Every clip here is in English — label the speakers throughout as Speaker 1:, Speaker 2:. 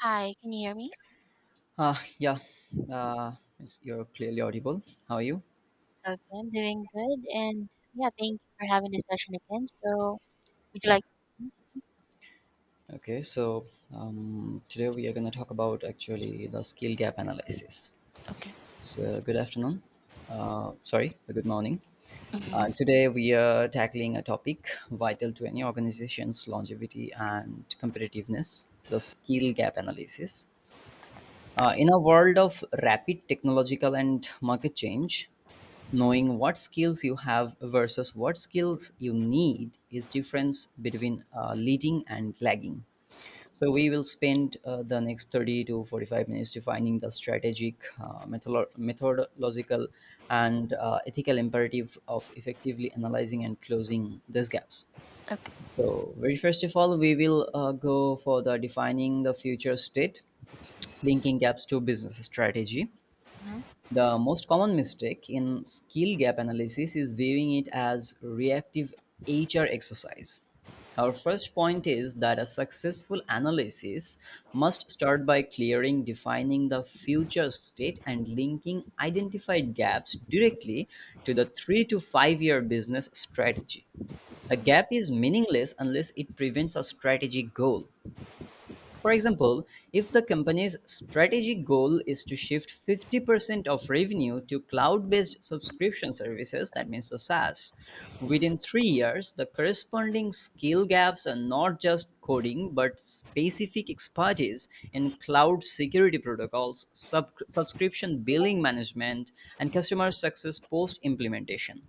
Speaker 1: Hi, can you hear me?
Speaker 2: Ah yeah, uh, it's- you're clearly audible. How are you?
Speaker 1: Okay, I'm doing good. And yeah, thank you for having this session again. So, would you
Speaker 2: Yeah.
Speaker 1: like?
Speaker 2: Okay, so today we are going to talk about actually the skill gap analysis.
Speaker 1: Okay.
Speaker 2: So, good afternoon. Good morning.
Speaker 1: Hmm.
Speaker 2: Today we are tackling a topic vital to any organization's longevity and competitiveness, the skill gap analysis. In a world of rapid technological and market change, knowing what skills you have versus what skills you need is difference between leading and lagging. So we will spend the next 30 to 45 minutes defining the strategic, methodological, and ethical imperative of effectively analyzing and closing these gaps.
Speaker 1: Okay.
Speaker 2: So very first of all, we will go for the defining the future state. Linking gaps to business strategy.
Speaker 1: Mm-hmm.
Speaker 2: The most common mistake in skill gap analysis is viewing it as reactive HR exercise. Our first point is that a successful analysis must start by clearing, defining the future state, and linking identified gaps directly to the 3 to 5 year business strategy. A gap is meaningless unless it prevents a strategic goal. For example, if the company's strategic goal is to shift 50% of revenue to cloud based subscription services, that means the SaaS, within 3 years, the corresponding skill gaps are not just coding but specific expertise in cloud security protocols, subscription billing management, and customer success post implementation.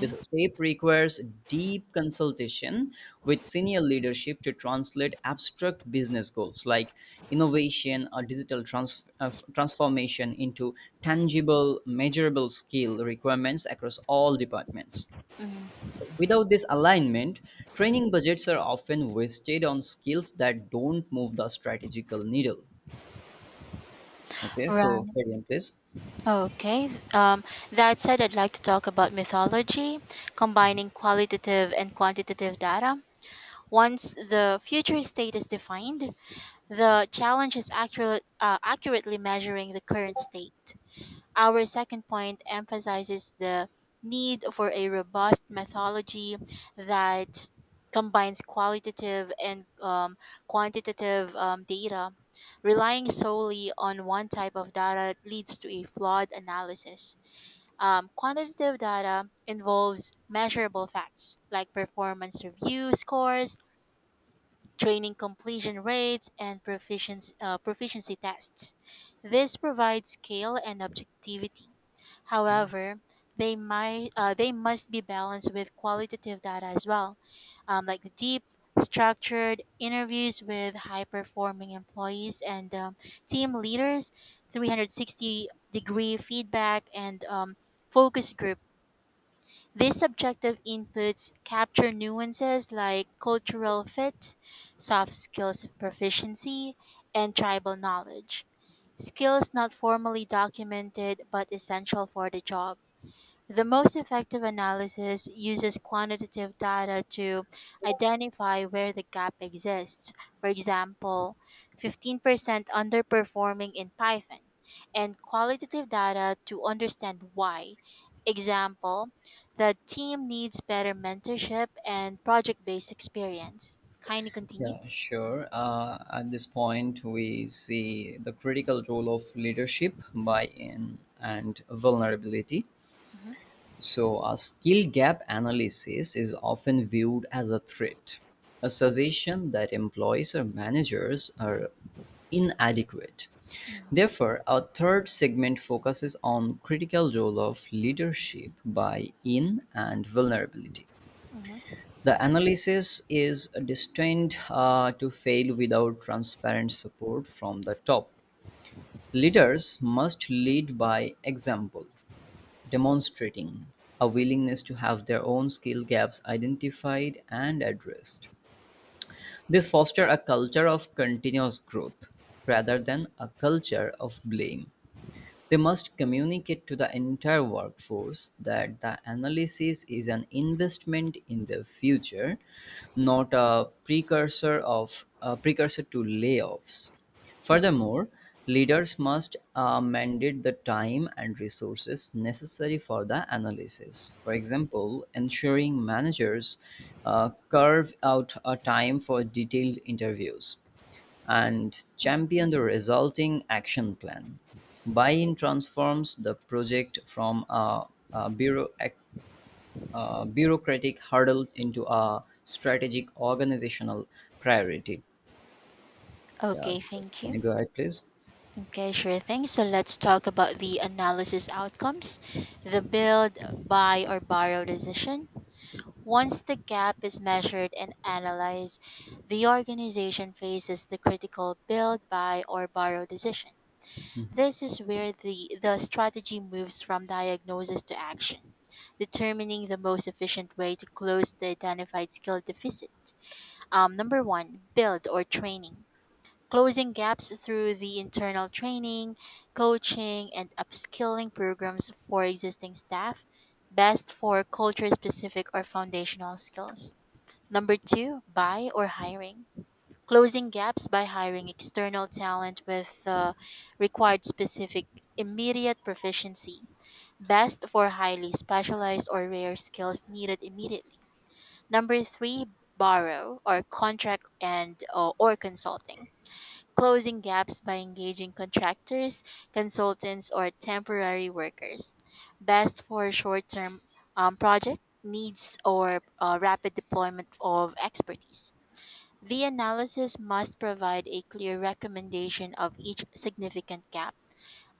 Speaker 2: This step requires deep consultation with senior leadership to translate abstract business goals like innovation or digital transformation into tangible, measurable skill requirements across all departments.
Speaker 1: Mhm.
Speaker 2: So without this alignment, training budgets are often wasted on skills that don't move the strategical needle. Okay,
Speaker 1: Right.
Speaker 2: so carry on, please.
Speaker 1: Okay. That said, I'd like to talk about mythology, combining qualitative and quantitative data. Once the future state is defined, the challenge is accurately measuring the current state. Our second point emphasizes the need for a robust methodology that combines qualitative and quantitative data. Relying solely on one type of data leads to a flawed analysis. Quantitative data involves measurable facts like performance review scores, training completion rates, and proficiency tests. This provides scale and objectivity. However, they must be balanced with qualitative data as well, like the deep, structured interviews with high performing employees and team leaders, 360-degree feedback, and focus groups these subjective inputs capture nuances like cultural fit, soft skills proficiency, and tribal knowledge, skills not formally documented but essential for the job. The most effective analysis uses quantitative data to identify where the gap exists. For example, 15% underperforming in Python, and qualitative data to understand why. Example, the team needs better mentorship and project based experience. Kindly continue.
Speaker 2: Yeah, sure. At this point, we see the critical role of leadership, buy in, and vulnerability.
Speaker 1: Mhm.
Speaker 2: So, a skill gap analysis is often viewed as a threat, a suggestion that employees or managers are inadequate. Therefore, our third segment focuses on critical role of leadership, buy in, and vulnerability.
Speaker 1: Mhm.
Speaker 2: The analysis is destined to fail without transparent support from the top. Leaders must lead by example, demonstrating a willingness to have their own skill gaps identified and addressed. This fosters a culture of continuous growth rather than a culture of blame. They must communicate to the entire workforce that the analysis is an investment in their future, not a precursor of a precursor to layoffs.
Speaker 1: Mm.
Speaker 2: Furthermore, leaders must mandate the time and resources necessary for the analysis. For example, ensuring managers carve out a time for detailed interviews and
Speaker 1: Mm.
Speaker 2: champion the resulting action plan. Buy-in transforms the project from a bureau, a bureaucratic hurdle into a strategic organizational priority. Yeah,
Speaker 1: Okay,
Speaker 2: so
Speaker 1: thank
Speaker 2: can
Speaker 1: you.
Speaker 2: you go ahead, please?
Speaker 1: Okay, sure thing. So let's talk about the analysis outcomes. The build, buy, or borrow decision. Once the gap is measured and analyzed, the organization faces the critical build, buy, or borrow decision.
Speaker 2: Mhm.
Speaker 1: This is where the strategy moves from diagnosis to action, determining the most efficient way to close the identified skill deficit. Number one, build or training closing gaps through the internal training, coaching, and upskilling programs for existing staff, best for culture specific or foundational skills. Number two, buy or hiring. Closing gaps by hiring external talent with the required specific immediate proficiency, best for highly specialized or rare skills needed immediately. Number three, borrow or contract and or consulting closing gaps by engaging contractors, consultants, or temporary workers. Best for short term project needs or rapid deployment of expertise. The analysis must provide a clear recommendation of each significant gap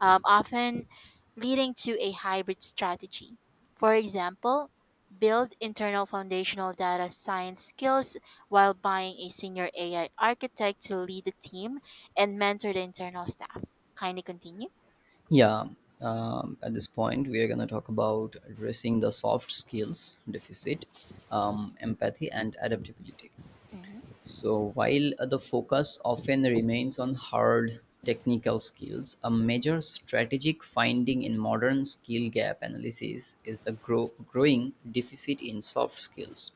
Speaker 1: often leading to a hybrid strategy. For example, build internal foundational data science skills while buying a senior AI architect to lead the team and mentor the internal staff. Kindly continue.
Speaker 2: Yeah, at this point, we are going to talk about addressing the soft skills deficit, empathy, and adaptability.
Speaker 1: Mm-hmm.
Speaker 2: So while the focus often remains on hard technical skills, a major strategic finding in modern skill gap analysis is the growing deficit in soft skills,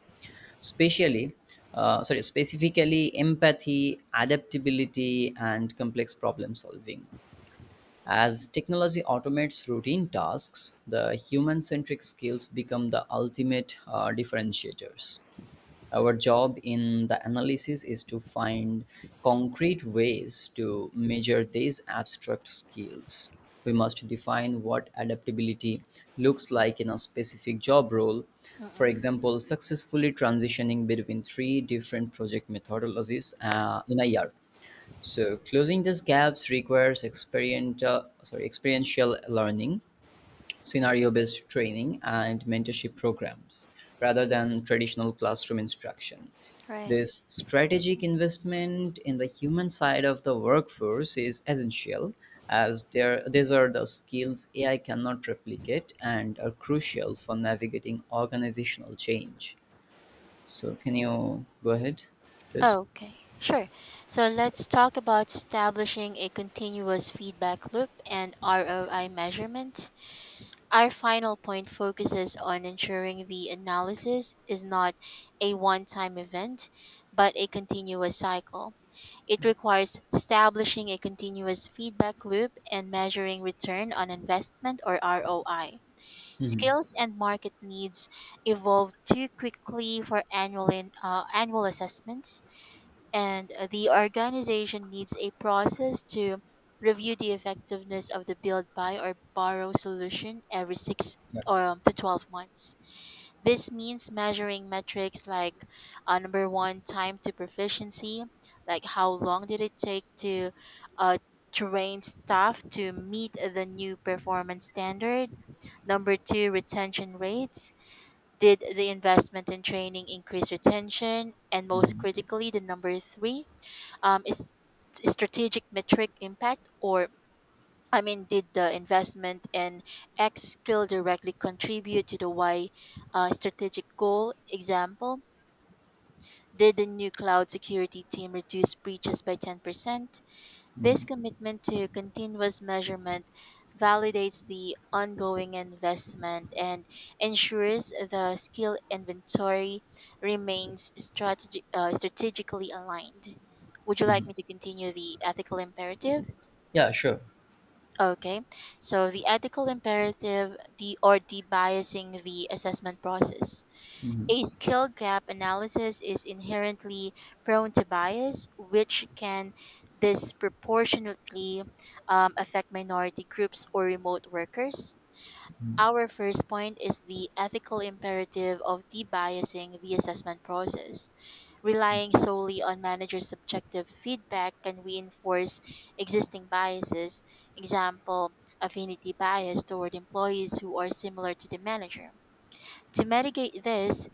Speaker 2: especially specifically empathy, adaptability, and complex problem solving. As technology automates routine tasks, the human centric skills become the ultimate differentiators. Our job in the analysis is to find concrete ways to measure these abstract skills. We must define what adaptability looks like in a specific job role. For
Speaker 1: Mm-hmm.
Speaker 2: example, successfully transitioning between three different project methodologies in a year. So closing these gaps requires experiential learning, scenario-based training, and mentorship programs rather than traditional classroom instruction.
Speaker 1: Right.
Speaker 2: This strategic investment in the human side of the workforce is essential, as these are the skills AI cannot replicate and are crucial for navigating organizational change. So, can you go ahead, please?
Speaker 1: Okay, sure. So let's talk about establishing a continuous feedback loop and ROI measurement. Our final point focuses on ensuring the analysis is not a one time event, but a continuous cycle. It requires establishing a continuous feedback loop and measuring return on investment or ROI.
Speaker 2: Hmm.
Speaker 1: Skills and market needs evolve too quickly for annual assessments and the organization needs a process to review the effectiveness of the build buy or borrow solution every 6
Speaker 2: Yeah.
Speaker 1: or to 12 months. This means measuring metrics like number one time to proficiency, like how long did it take to uh, train staff to meet the new performance standard. Number two, retention rates, did the investment in training increase retention? And most
Speaker 2: Hmm.
Speaker 1: critically, the number three is strategic metric impact, did the investment in X skill directly contribute to the Y strategic goal? Example, did the new cloud security team reduce breaches by 10%? This
Speaker 2: Hmm.
Speaker 1: commitment to continuous measurement validates the ongoing investment and ensures the skill inventory remains strategically aligned. Would you like
Speaker 2: Hmm.
Speaker 1: me to continue the ethical imperative?
Speaker 2: Yeah, sure.
Speaker 1: Okay. So the ethical imperative the or debiasing the assessment process.
Speaker 2: Hmm.
Speaker 1: A skill gap analysis is inherently prone to bias, which can disproportionately affect minority groups or remote workers.
Speaker 2: Hmm.
Speaker 1: Our first point is the ethical imperative of debiasing the assessment process. Relying solely on managers' subjective feedback can reinforce existing biases, example, affinity bias toward employees who are similar to the manager. To mitigate this,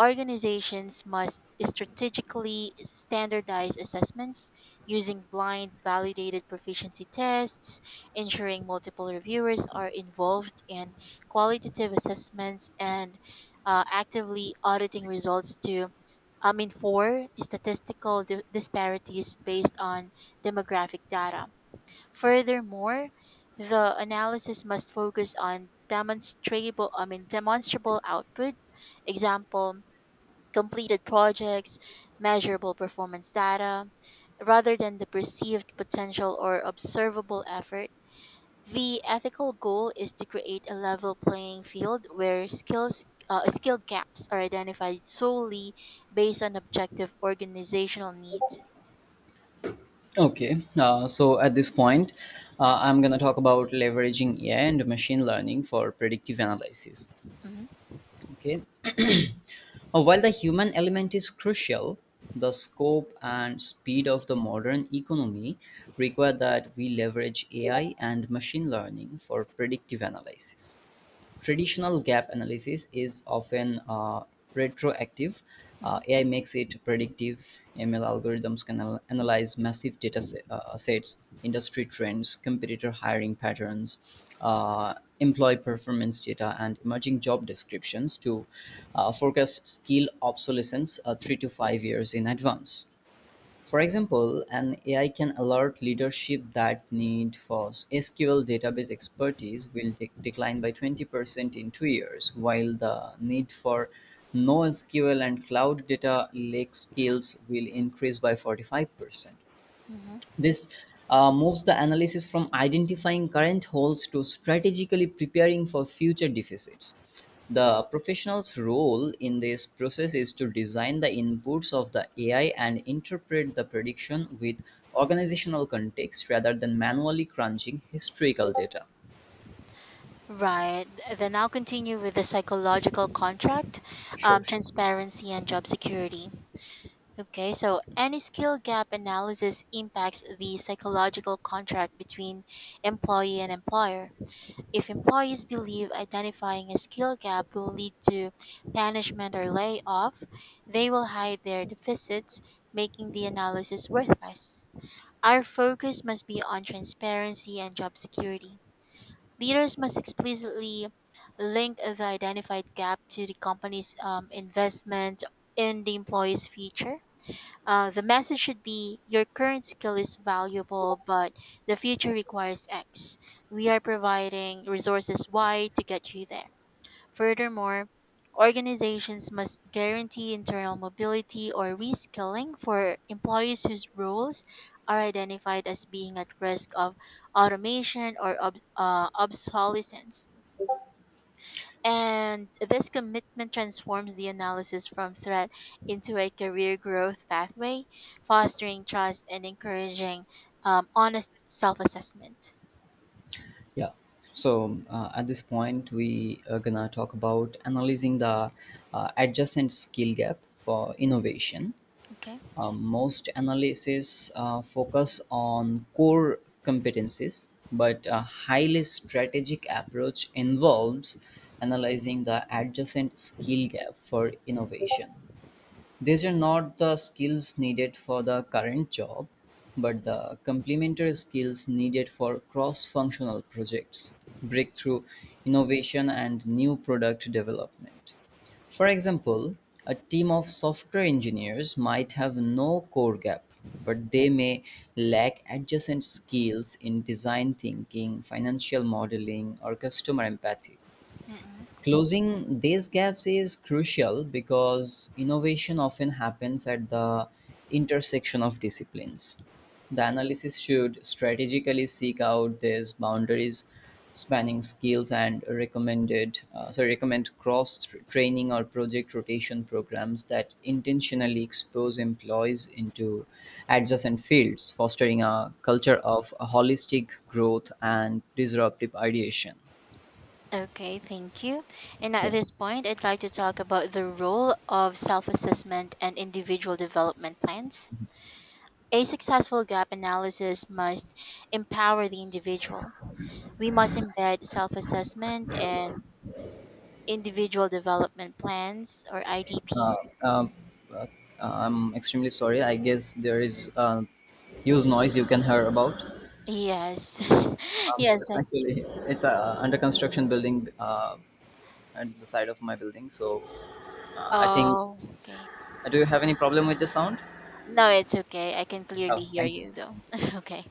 Speaker 1: organizations must strategically standardize assessments using blind validated proficiency tests, ensuring multiple reviewers are involved in qualitative assessments, and actively auditing results for statistical disparities based on demographic data. Furthermore, the analysis must focus on demonstrable output. Example, completed projects, measurable performance data, rather than the perceived potential or observable effort. The ethical goal is to create a level playing field where skill gaps are identified solely based on objective organizational needs.
Speaker 2: Okay, so at this point, I'm going to talk about leveraging AI and machine learning for predictive analysis.
Speaker 1: Mhm.
Speaker 2: Okay. While the human element is crucial, the scope and speed of the modern economy require that we leverage AI and machine learning for predictive analysis. Traditional gap analysis is often retroactive.
Speaker 1: Mhm.
Speaker 2: AI makes it predictive. ML algorithms can analyze massive sets, industry trends, competitor hiring patterns, employee performance data, and emerging job descriptions to forecast skill obsolescence 3 to 5 years in advance. For example, an AI can alert leadership that need for SQL database expertise will decline by 20% in 2 years, while the need for NoSQL and cloud data lake skills will increase by 45%.
Speaker 1: Mhm.
Speaker 2: This moves the analysis from identifying current holes to strategically preparing for future deficits. The professional's role in this process is to design the inputs of the AI and interpret the prediction with organizational context rather than manually crunching historical data.
Speaker 1: Right. Then I'll continue with the psychological contract,
Speaker 2: Sure, sure.
Speaker 1: transparency, and job security. Okay, so any skill gap analysis impacts the psychological contract between employee and employer. If employees believe identifying a skill gap will lead to banishment or layoff, they will hide their deficits, making the analysis worthless. Our focus must be on transparency and job security. Leaders must explicitly link the identified gap to the company's investment in the employee's future. The message should be your current skill is valuable, but the future requires X. We are providing resources Y to get you there. Furthermore, organizations must guarantee internal mobility or reskilling for employees whose roles are identified as being at risk of automation or obsolescence. And this commitment transforms the analysis from threat into a career growth pathway, fostering trust and encouraging honest self assessment.
Speaker 2: Yeah. So at this point, we are gonna talk about analyzing the adjacent skill gap for
Speaker 1: Mhm.
Speaker 2: innovation.
Speaker 1: Okay.
Speaker 2: Most analyses focus on core competencies, but a highly strategic approach involves analyzing the adjacent skill gap for innovation. These are not the skills needed for the current job, but the complementary skills needed for cross functional projects, breakthrough innovation, and new product development. For example, a team of software engineers might have no core gap, but they may lack adjacent skills in design thinking, financial modeling, or customer empathy.
Speaker 1: Mm-mm.
Speaker 2: Closing these gaps is crucial because innovation often happens at the intersection of disciplines. The analysis should strategically seek out these boundaries spanning skills and recommend training or project rotation programs that intentionally expose employees into adjacent fields fostering a culture of holistic growth and disruptive ideation.
Speaker 1: Okay, thank you. And at
Speaker 2: Yeah.
Speaker 1: this point, I'd like to talk about the role of self assessment and individual development plans. A successful gap analysis must empower the individual. We must embed self assessment and individual development plans or
Speaker 2: uh,
Speaker 1: IDPs.
Speaker 2: um, uh, I'm extremely sorry. I guess there is huge noise you can hear about.
Speaker 1: Yes.
Speaker 2: Um,
Speaker 1: yes, I
Speaker 2: Actually, it's a under construction building at the side of my building. So I think.
Speaker 1: oh okay.
Speaker 2: Do you have any problem with the sound?
Speaker 1: No, it's okay. I can
Speaker 2: Oh,
Speaker 1: clearly hear
Speaker 2: thank you,
Speaker 1: you though.
Speaker 2: thank you, thank you.
Speaker 1: Okay.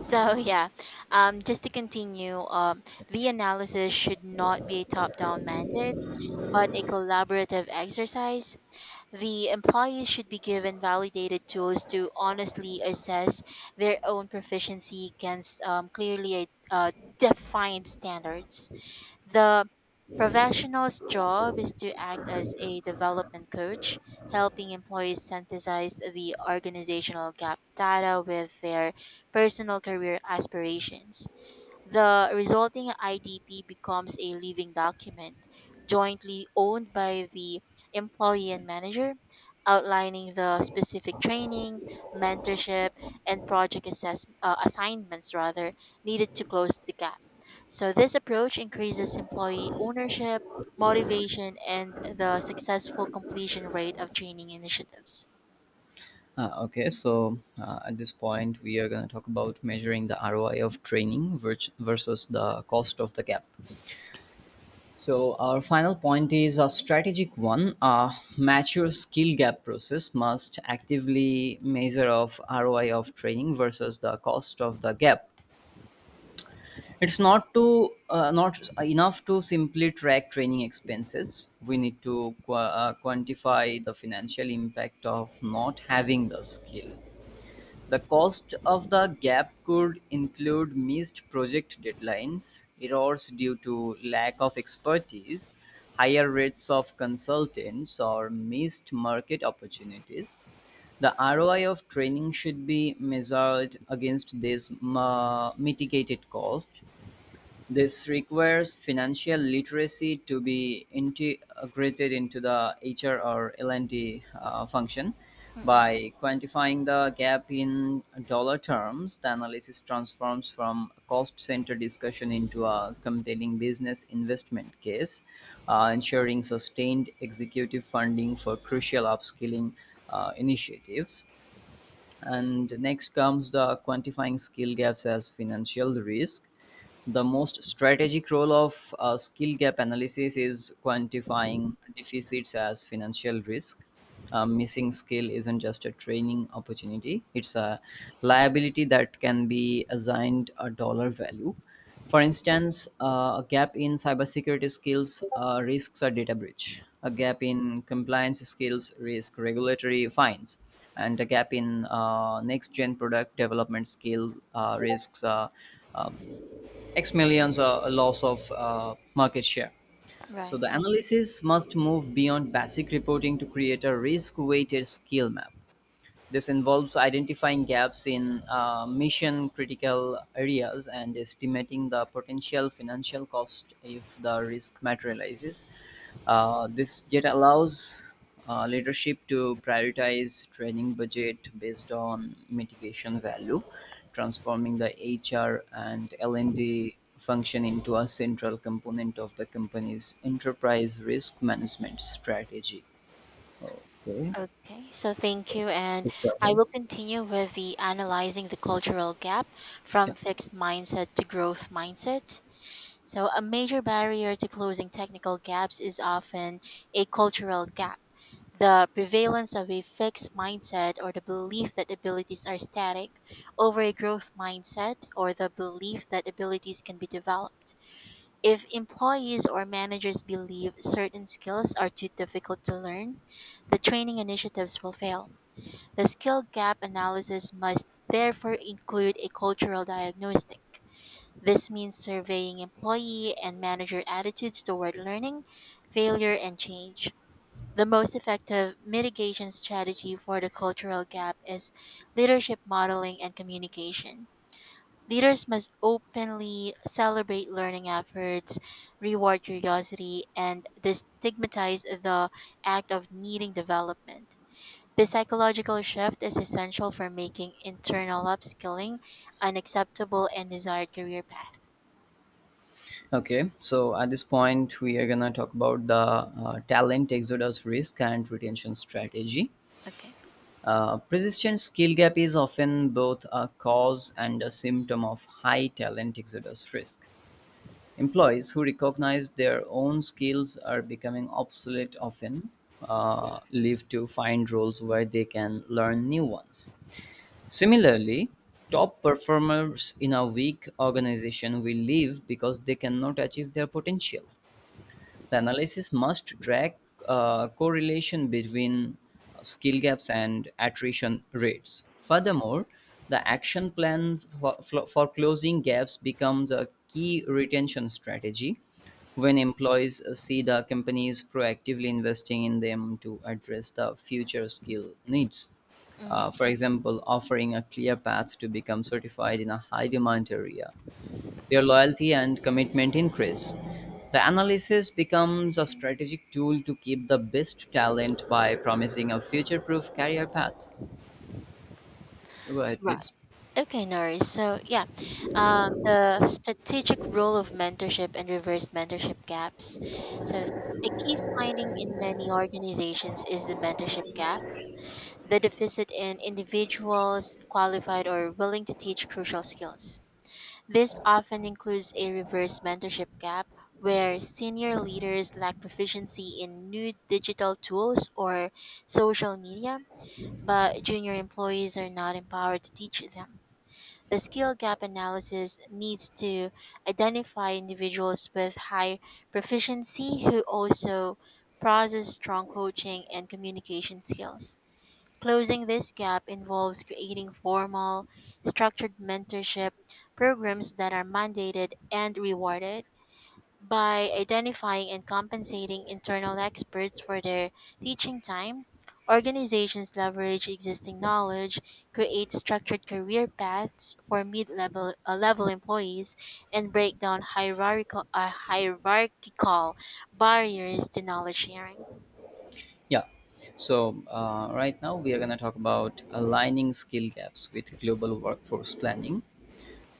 Speaker 1: So yeah. Just to continue,
Speaker 2: Yeah,
Speaker 1: the
Speaker 2: sure.
Speaker 1: analysis should not be a top down mandate, but a collaborative exercise. The employees should be given validated tools to honestly assess their own proficiency against clearly defined standards. The professional's job is to act as a development coach, helping employees synthesize the organizational gap data with their personal career aspirations. The resulting IDP becomes a living document, jointly owned by the employee and manager, outlining the specific training, mentorship, and assignments rather needed to close the gap. So this approach increases employee ownership, motivation, and the successful completion rate of training initiatives.
Speaker 2: Okay, so at this point, we are going to talk about measuring the ROI of training versus the cost of the gap. So, our final point is a strategic one. A mature skill gap process must actively measure of ROI of training versus the cost of the gap. It's not enough to simply track training expenses. We need to quantify the financial impact of not having the skill. The cost of the gap could include missed project deadlines, errors due to lack of expertise, higher rates of consultants, or missed market opportunities. The ROI of training should be measured against this mitigated cost. This requires financial literacy to be integrated into the HR or L&D function.
Speaker 1: Mm-mm.
Speaker 2: By quantifying the gap in dollar terms, the analysis transforms from a cost center discussion into a compelling business investment case, ensuring sustained executive funding for crucial upskilling initiatives. And next comes the quantifying skill gaps as financial risk, the most strategic role of skill gap analysis is quantifying deficits as financial risk. A missing skill isn't just a training opportunity, it's a liability that can be assigned a dollar value. For instance, a gap in cybersecurity skills risks a data breach. A gap in compliance skills risk regulatory fines, and a gap in next-gen product development skill risks uh, X millions are a loss of market share. So
Speaker 1: Right.
Speaker 2: the analysis must move beyond basic reporting to create a risk weighted skill map. This involves identifying gaps in mission critical areas and estimating the potential financial cost if the risk materializes. This data allows leadership to prioritize training budget based on mitigation value, transforming the HR and L&D function into a central component of the company's enterprise risk management strategy. Okay,
Speaker 1: Okay, so thank you. And
Speaker 2: please go
Speaker 1: I
Speaker 2: ahead.
Speaker 1: will continue with the analyzing the cultural gap from fixed mindset to growth mindset. So, a major barrier to closing technical gaps is often a cultural gap. The prevalence of a fixed mindset or the belief that abilities are static over a growth mindset or the belief that abilities can be developed. If employees or managers believe certain skills are too difficult to learn, the training initiatives will fail. The skill gap analysis must therefore include a cultural diagnostic. This means surveying employee and manager attitudes toward learning, failure, and change. The most effective mitigation strategy for the cultural gap is leadership modeling and communication. Leaders must openly celebrate learning efforts, reward curiosity, and destigmatize the act of needing development. The psychological shift is essential for making internal upskilling an acceptable and desired career path.
Speaker 2: Okay, so at this point, we are gonna talk about the talent exodus risk and retention strategy.
Speaker 1: Okay.
Speaker 2: Persistent skill gap is often both a cause and a symptom of high talent exodus risk. Employees who recognize their own skills are becoming obsolete often live to find roles where they can learn new ones. Similarly, top performers in a weak organization will leave because they cannot achieve their potential. The analysis must track correlation between skill gaps and attrition rates. Furthermore, the action plan for closing gaps becomes a key retention strategy when employees see the companies proactively investing in them to address the future skill needs.
Speaker 1: Mm.
Speaker 2: For example, offering a clear path to become certified in a high demand area, their loyalty and commitment increase. The analysis becomes a strategic tool to keep the best talent by promising a future proof career path. So go ahead,
Speaker 1: Right.
Speaker 2: please.
Speaker 1: Okay, Nori. So, yeah, the strategic role of mentorship and reverse mentorship gaps. So, a key finding in many organizations is the mentorship gap, the deficit in individuals qualified or willing to teach crucial skills. This often includes a reverse mentorship gap, where senior leaders lack proficiency in new digital tools or social media, but junior employees are not empowered to teach them. The skill gap analysis needs to identify individuals with high proficiency who also process strong coaching and communication skills. Closing this gap involves creating formal, structured mentorship programs that are mandated and rewarded by identifying and compensating internal experts for their teaching time. Organizations leverage existing knowledge, create structured career paths for mid-level level employees, and break down hierarchical barriers to knowledge sharing.
Speaker 2: Yeah. So, right now we are going to talk about aligning skill gaps with global workforce planning.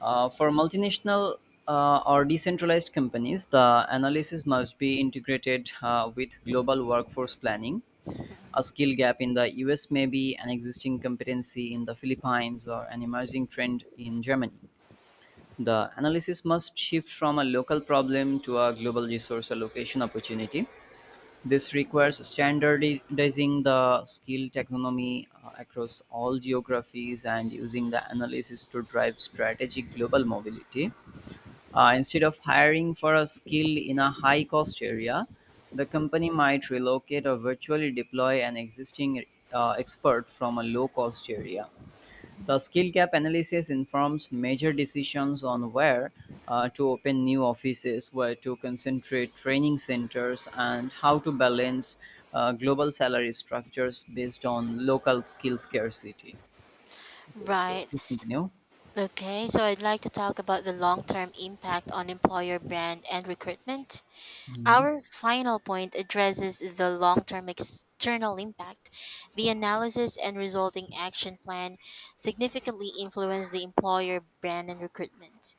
Speaker 2: For multinational or decentralized companies, the analysis must be integrated with global workforce planning. A skill gap in the US may be an existing competency in the Philippines or an emerging trend in Germany. The analysis must shift from a local problem to a global resource allocation opportunity. This requires standardizing the skill taxonomy across all geographies and using the analysis to drive strategic global mobility. Instead of hiring for a skill in a high cost area, the company might relocate or virtually deploy an existing expert from a low cost area. The skill gap analysis informs major decisions on where to open new offices, where to concentrate training centers, and how to balance global salary structures based on local skill scarcity. Okay, so
Speaker 1: Right.
Speaker 2: please continue.
Speaker 1: Okay, so I'd like to talk about the long term impact on employer brand and recruitment.
Speaker 2: Mhm.
Speaker 1: Our final point addresses the long term external impact. The analysis and resulting action plan significantly influence the employer brand and recruitment.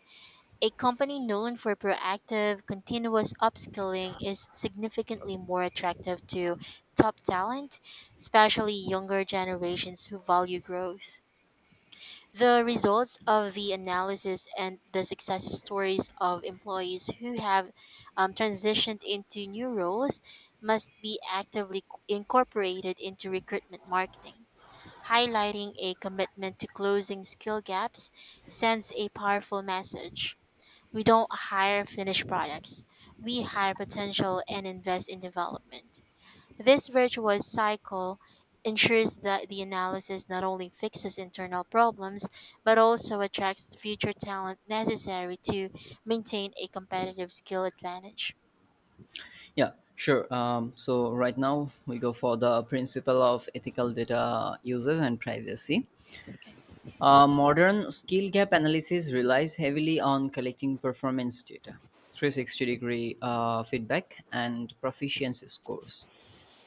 Speaker 1: A company known for proactive, continuous upskilling is significantly more attractive to top talent, especially younger generations who value growth. The results of the analysis and the success stories of employees who have transitioned into new roles must be incorporated into recruitment marketing. Highlighting a commitment to closing skill gaps sends a powerful message. We don't hire finished products, we hire potential and invest in development. This virtuous cycle ensures that the analysis not only fixes internal problems, but also attracts the future talent necessary to maintain a competitive skill advantage.
Speaker 2: Yeah, sure. So right now we go for the principle of ethical data users and privacy.
Speaker 1: Okay.
Speaker 2: Modern skill gap analysis relies heavily on collecting performance data, 360 degree feedback, and proficiency scores,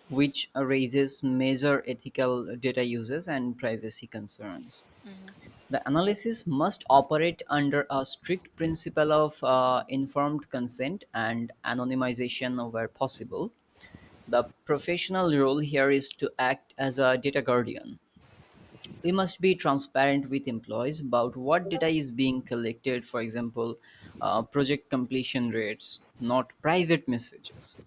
Speaker 2: which raises major ethical data uses and privacy concerns.
Speaker 1: Mhm.
Speaker 2: The analysis must operate under a strict principle of informed consent and anonymization where possible, the professional role here is to act as a data guardian. We must be transparent with employees about what data is being collected, for example, project completion rates, not private messages,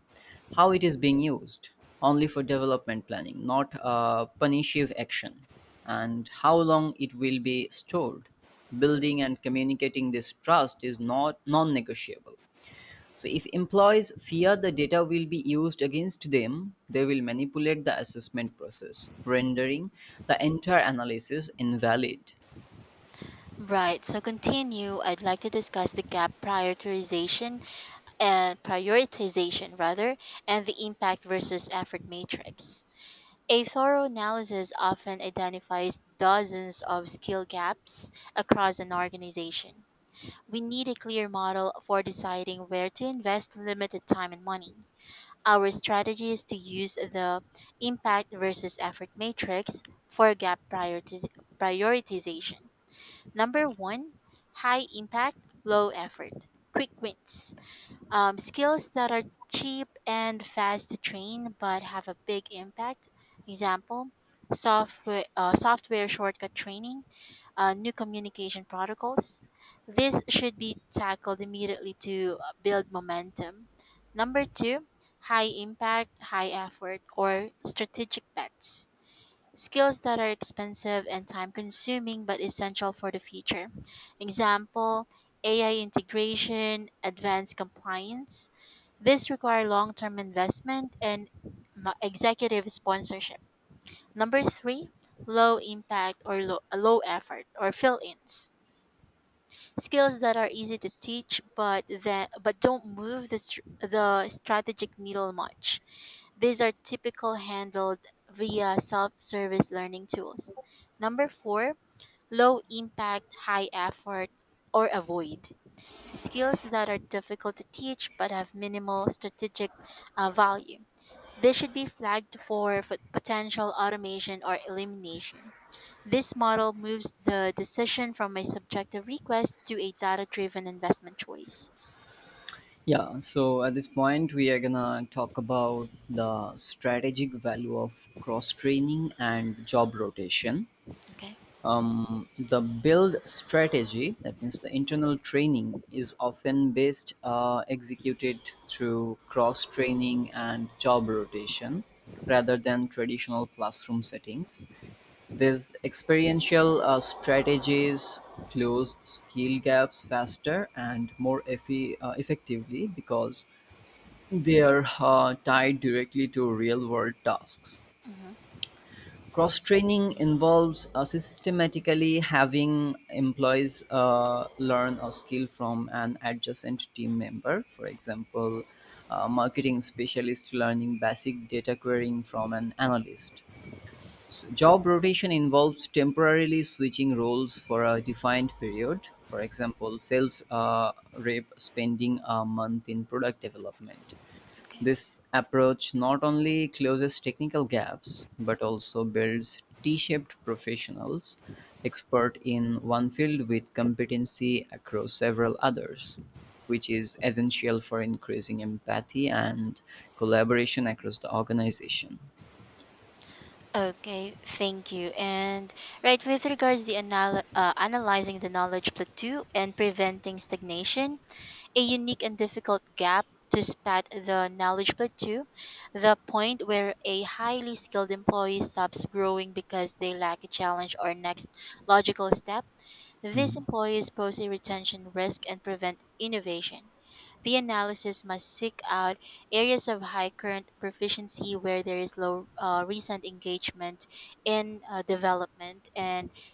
Speaker 2: how it is being used, only for development planning, not punitive action, and how long it will be stored. Building and communicating this trust is not non negotiable. So if employees fear the data will be used against them, they will manipulate the assessment process, rendering the entire analysis invalid.
Speaker 1: Right. So continue. I'd like to discuss the gap prioritization and prioritization rather, and the impact versus effort matrix. A thorough analysis often identifies dozens of skill gaps across an organization. We need a clear model for deciding where to invest limited time and money. Our strategy is to use the impact versus effort matrix for prioritization. Number one, high impact, low effort, quick wins, skills that are cheap and fast to train but have a big impact. Example, software shortcut training new communication protocols. This should be tackled immediately to build momentum. Number two, high impact, high effort, or strategic bets. Skills that are expensive and time consuming but essential for the future. Example, AI integration, advanced compliance. This require long-term investment and executive sponsorship. Number three, low impact or low effort or fill-ins. Skills that are easy to teach but don't move the strategic needle much. These are typical handled via self-service learning tools. Number 4, low impact, high effort or avoid. Skills that are difficult to teach but have minimal strategic value. They should be flagged for potential automation or elimination. This model moves the decision from a subjective request to a data driven investment choice.
Speaker 2: Yeah, so at this point, we are gonna talk about the strategic value of cross training and job rotation.
Speaker 1: Okay.
Speaker 2: The build strategy, that means the internal training, is often based executed through cross training and job rotation rather than traditional classroom settings. These experiential strategies close skill gaps faster and more effectively because they are tied directly to real world tasks.
Speaker 1: Mm-hmm.
Speaker 2: Cross-training involves systematically having employees learn a skill from an adjacent team member. For example, a marketing specialist learning basic data querying from an analyst. So job rotation involves temporarily switching roles for a defined period. For example, sales rep spending a month in product development.
Speaker 1: Okay.
Speaker 2: This approach not only closes technical gaps, but also builds T-shaped professionals, expert in one field with competency across several others, which is essential for increasing empathy and collaboration across the organization.
Speaker 1: Okay, thank you. And right with regards to analyzing the knowledge plateau and preventing stagnation, a unique and difficult gap to spot the knowledge plateau, the point where a highly skilled employee stops growing because they lack a challenge or next logical step. These employees pose a retention risk and prevent innovation. The analysis must seek out areas of high current proficiency where there is low recent engagement in development and